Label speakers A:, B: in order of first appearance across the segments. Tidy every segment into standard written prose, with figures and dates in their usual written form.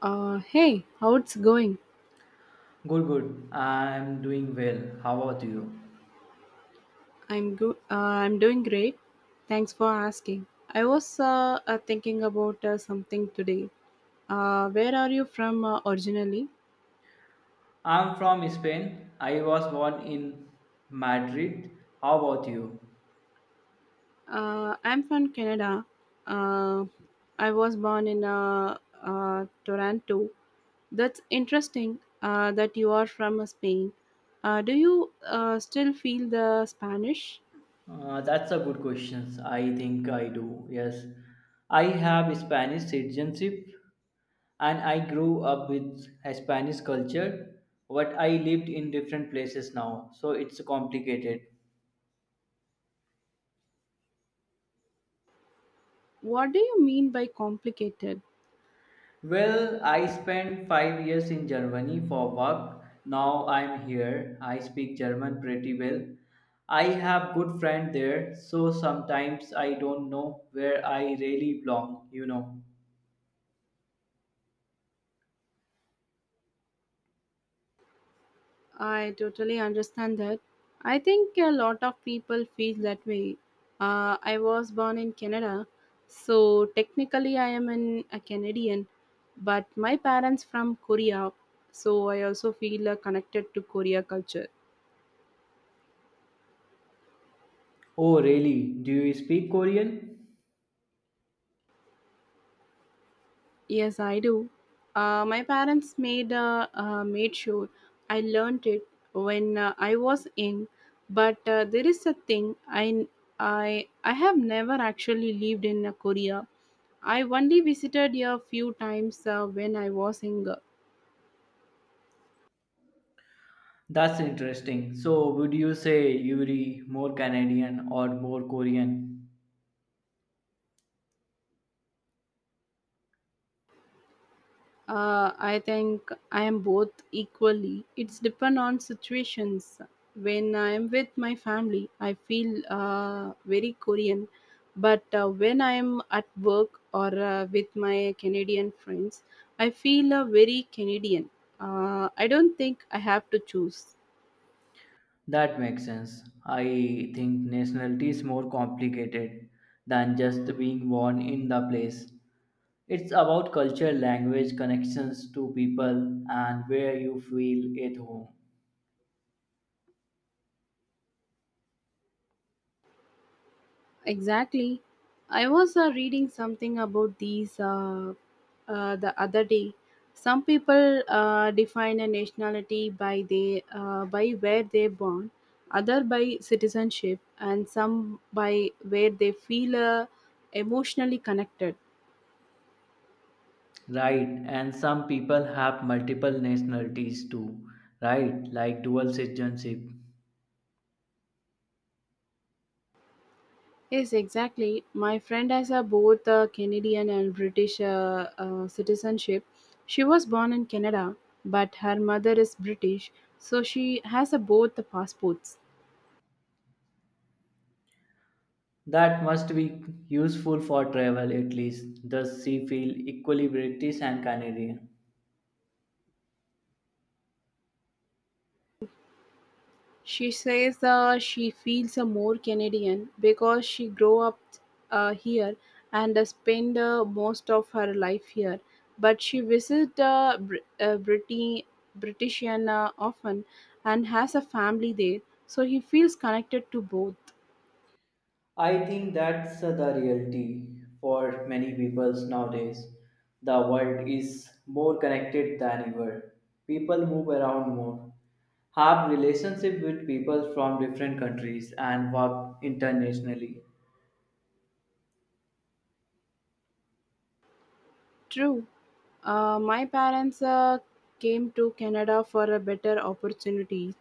A: Hey, how it's going?
B: Good, good. I'm doing well. How about you?
A: I'm good. I'm doing great. Thanks for asking. I was thinking about something today. Where are you from originally?
B: I'm from Spain. I was born in Madrid. How about you?
A: I'm from Canada. Uh, I was born in Toronto. That's interesting that you are from Spain. Do you still feel the Spanish?
B: That's a good question. I think I do. Yes. I have Spanish citizenship and I grew up with Spanish culture, but I lived in different places now, so it's complicated.
A: What do you mean by complicated?
B: Well, I spent 5 years in Germany for work. Now I'm here. I speak German pretty well. I have good friend there, so sometimes I don't know where I really belong,
A: I totally understand that. I think a lot of people feel that way. I was born in Canada, so technically I am an, a Canadian, but my parents from Korea, so I also feel connected to Korea culture.
B: Oh, really? Do you speak Korean?
A: Yes, I do. My parents made made sure I learned it when I was young, but there is a thing I have never actually lived in Korea. I only visited a few times when I was younger.
B: That's interesting. So, would you say you're more Canadian or more Korean?
A: I think I am both equally. It's depend on situations. When I am with my family, I feel very Korean. But when I am at work or with my Canadian friends, I feel very Canadian. I don't think I have to choose.
B: That makes sense. I think nationality is more complicated than just being born in the place. It's about culture, language, connections to people, and where you feel at home.
A: Exactly. I was reading something about these the other day. Some people define a nationality by they by where they're born, other by citizenship, and some by where they feel emotionally connected.
B: Right, and some people have multiple nationalities too, right? Like dual citizenship.
A: Yes, exactly. My friend has a both Canadian and British citizenship. She was born in Canada, but her mother is British, so she has a both the passports.
B: That must be useful for travel at least. Does she feel equally British and Canadian?
A: She says she feels more Canadian because she grew up here and spent most of her life here. But she visits British often and has a family there, so he feels connected to both.
B: I think that's the reality for many people nowadays. The world is more connected than ever. People move around more, have relationship with people from different countries and work internationally.
A: True. My parents came to Canada for a better opportunity.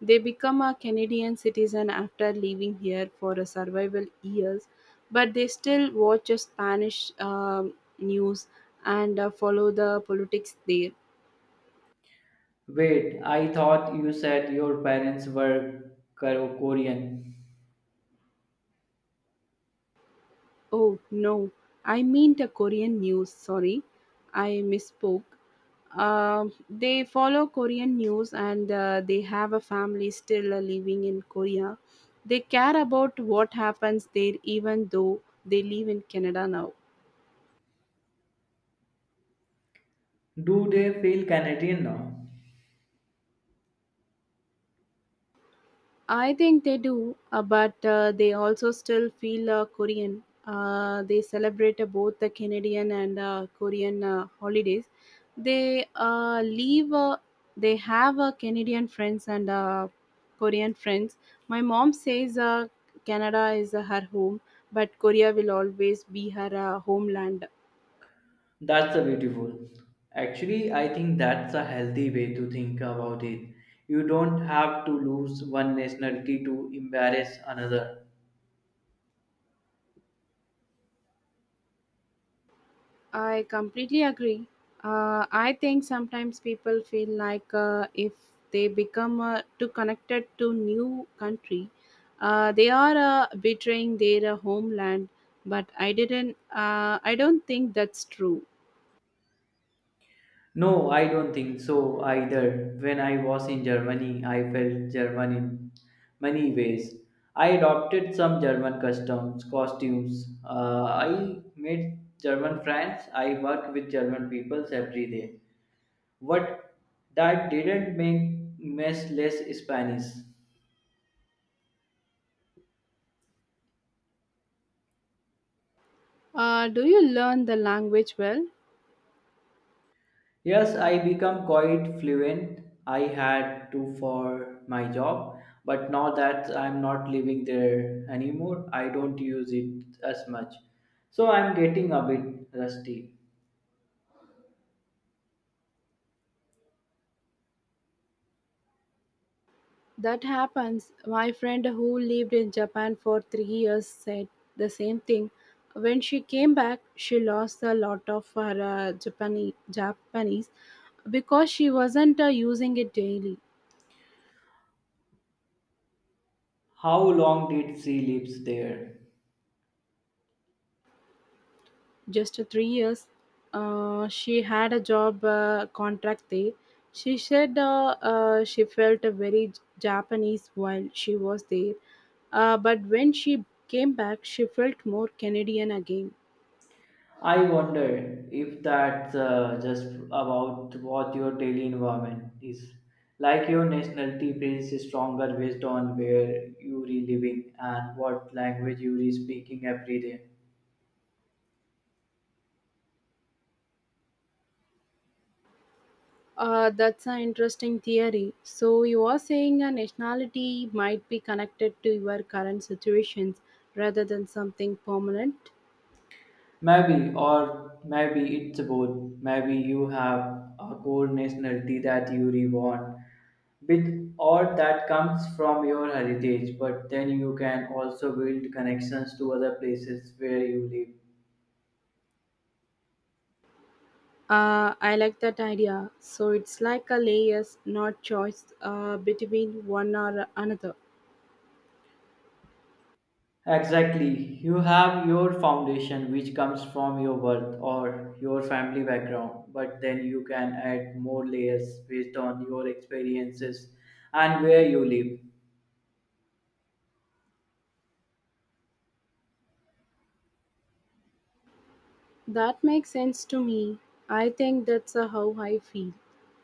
A: They become a Canadian citizen after living here for a survival years, but they still watch a Spanish news and follow the politics there.
B: Wait, I thought you said your parents were Korean.
A: Oh no, I mean the Korean news. Sorry, I misspoke. They follow Korean news and they have a family still living in Korea. They care about what happens there, even though they live in Canada now.
B: Do they feel Canadian now?
A: I think they do, but they also still feel Korean. They celebrate both the Canadian and Korean holidays. They leave. They have Canadian friends and Korean friends. My mom says Canada is her home, but Korea will always be her homeland.
B: That's a beautiful. Actually, I think that's a healthy way to think about it. You don't have to lose one nationality to embarrass another.
A: I completely agree. I think sometimes people feel like if they become too connected to new country, they are betraying their homeland. But I didn't. I don't think that's true.
B: No, I don't think so either. When I was in Germany, I felt German in many ways. I adopted some German customs, costumes. I made German friends. I work with German peoples every day. What that didn't make me less Spanish.
A: Do you learn the language well?
B: Yes, I become quite fluent. I had to for my job, but now that I'm not living there anymore, I don't use it as much. So I'm getting a bit rusty.
A: That happens. My friend who lived in Japan for 3 years said the same thing. When she came back, she lost a lot of her Japanese because she wasn't using it daily.
B: How long did she live there?
A: Just 3 years, she had a job contract there. She said she felt very Japanese while she was there, but when she came back, she felt more Canadian again.
B: I wonder if that's just about what your daily environment is. Like your nationality brings is stronger based on where you are living and what language you are speaking every day.
A: That's an interesting theory. So, you are saying a nationality might be connected to your current situations rather than something permanent?
B: Maybe, or maybe it's both. Maybe you have a core nationality that you reborn with, or that comes from your heritage, but then you can also build connections to other places where you live.
A: I like that idea. So, it's like a layers, not choice between one or another.
B: Exactly. You have your foundation, which comes from your birth or your family background, but then you can add more layers based on your experiences and where you live.
A: That makes sense to me. I think that's how I feel.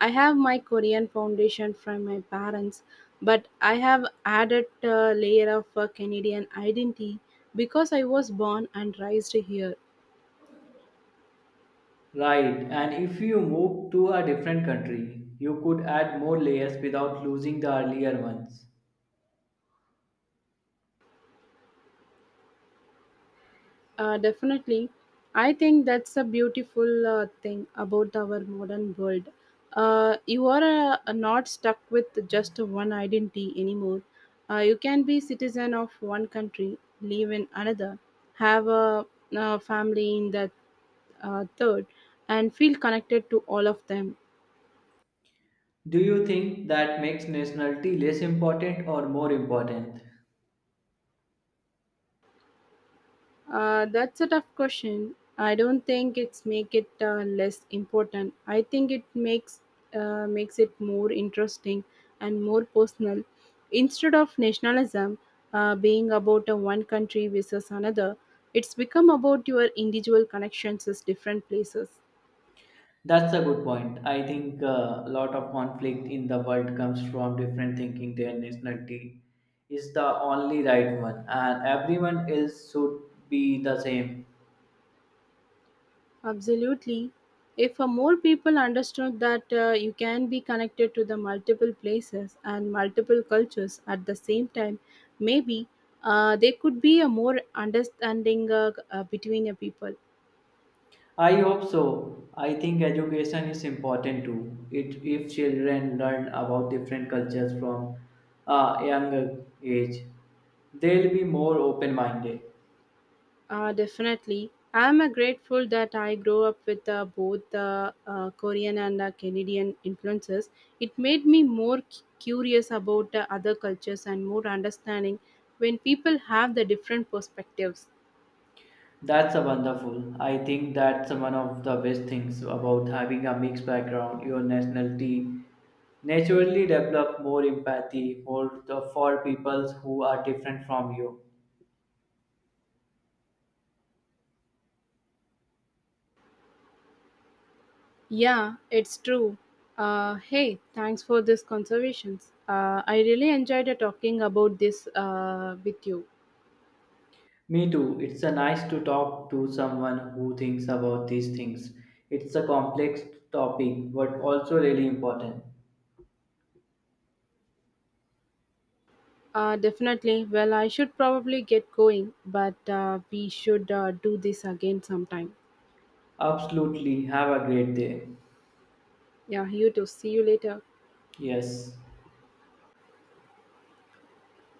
A: I have my Korean foundation from my parents, but I have added a layer of Canadian identity because I was born and raised here.
B: Right, and if you move to a different country, you could add more layers without losing the earlier ones.
A: Definitely. I think that's a beautiful thing about our modern world. You are not stuck with just one identity anymore. You can be citizen of one country, live in another, have a, family in that third, and feel connected to all of them.
B: Do you think that makes nationality less important or more important?
A: That's a tough question. I don't think it's make it less important. I think it makes makes it more interesting and more personal. Instead of nationalism being about a one country versus another, it's become about your individual connections with different places.
B: That's a good point. I think a lot of conflict in the world comes from different thinking their nationality is the only right one and everyone else should be the same.
A: Absolutely. If more people understood that you can be connected to the multiple places and multiple cultures at the same time, maybe there could be a more understanding between the people.
B: I hope so. I think education is important too. It, if children learn about different cultures from a younger age, they'll be more open minded.
A: Definitely. I am grateful that I grew up with both Korean and Canadian influences. It made me more curious about other cultures and more understanding when people have the different perspectives.
B: That's a wonderful. I think that's one of the best things about having a mixed background. Your nationality naturally develop more empathy for the for people who are different from you.
A: Yeah, it's true. Hey, thanks for this conservations. I really enjoyed talking about this with you.
B: Me too. It's a nice to talk to someone who thinks about these things. It's a complex topic, but also really important.
A: Definitely. Well, I should probably get going, but we should do this again sometime.
B: Absolutely. Have a great day.
A: Yeah, you too. See you later.
B: Yes.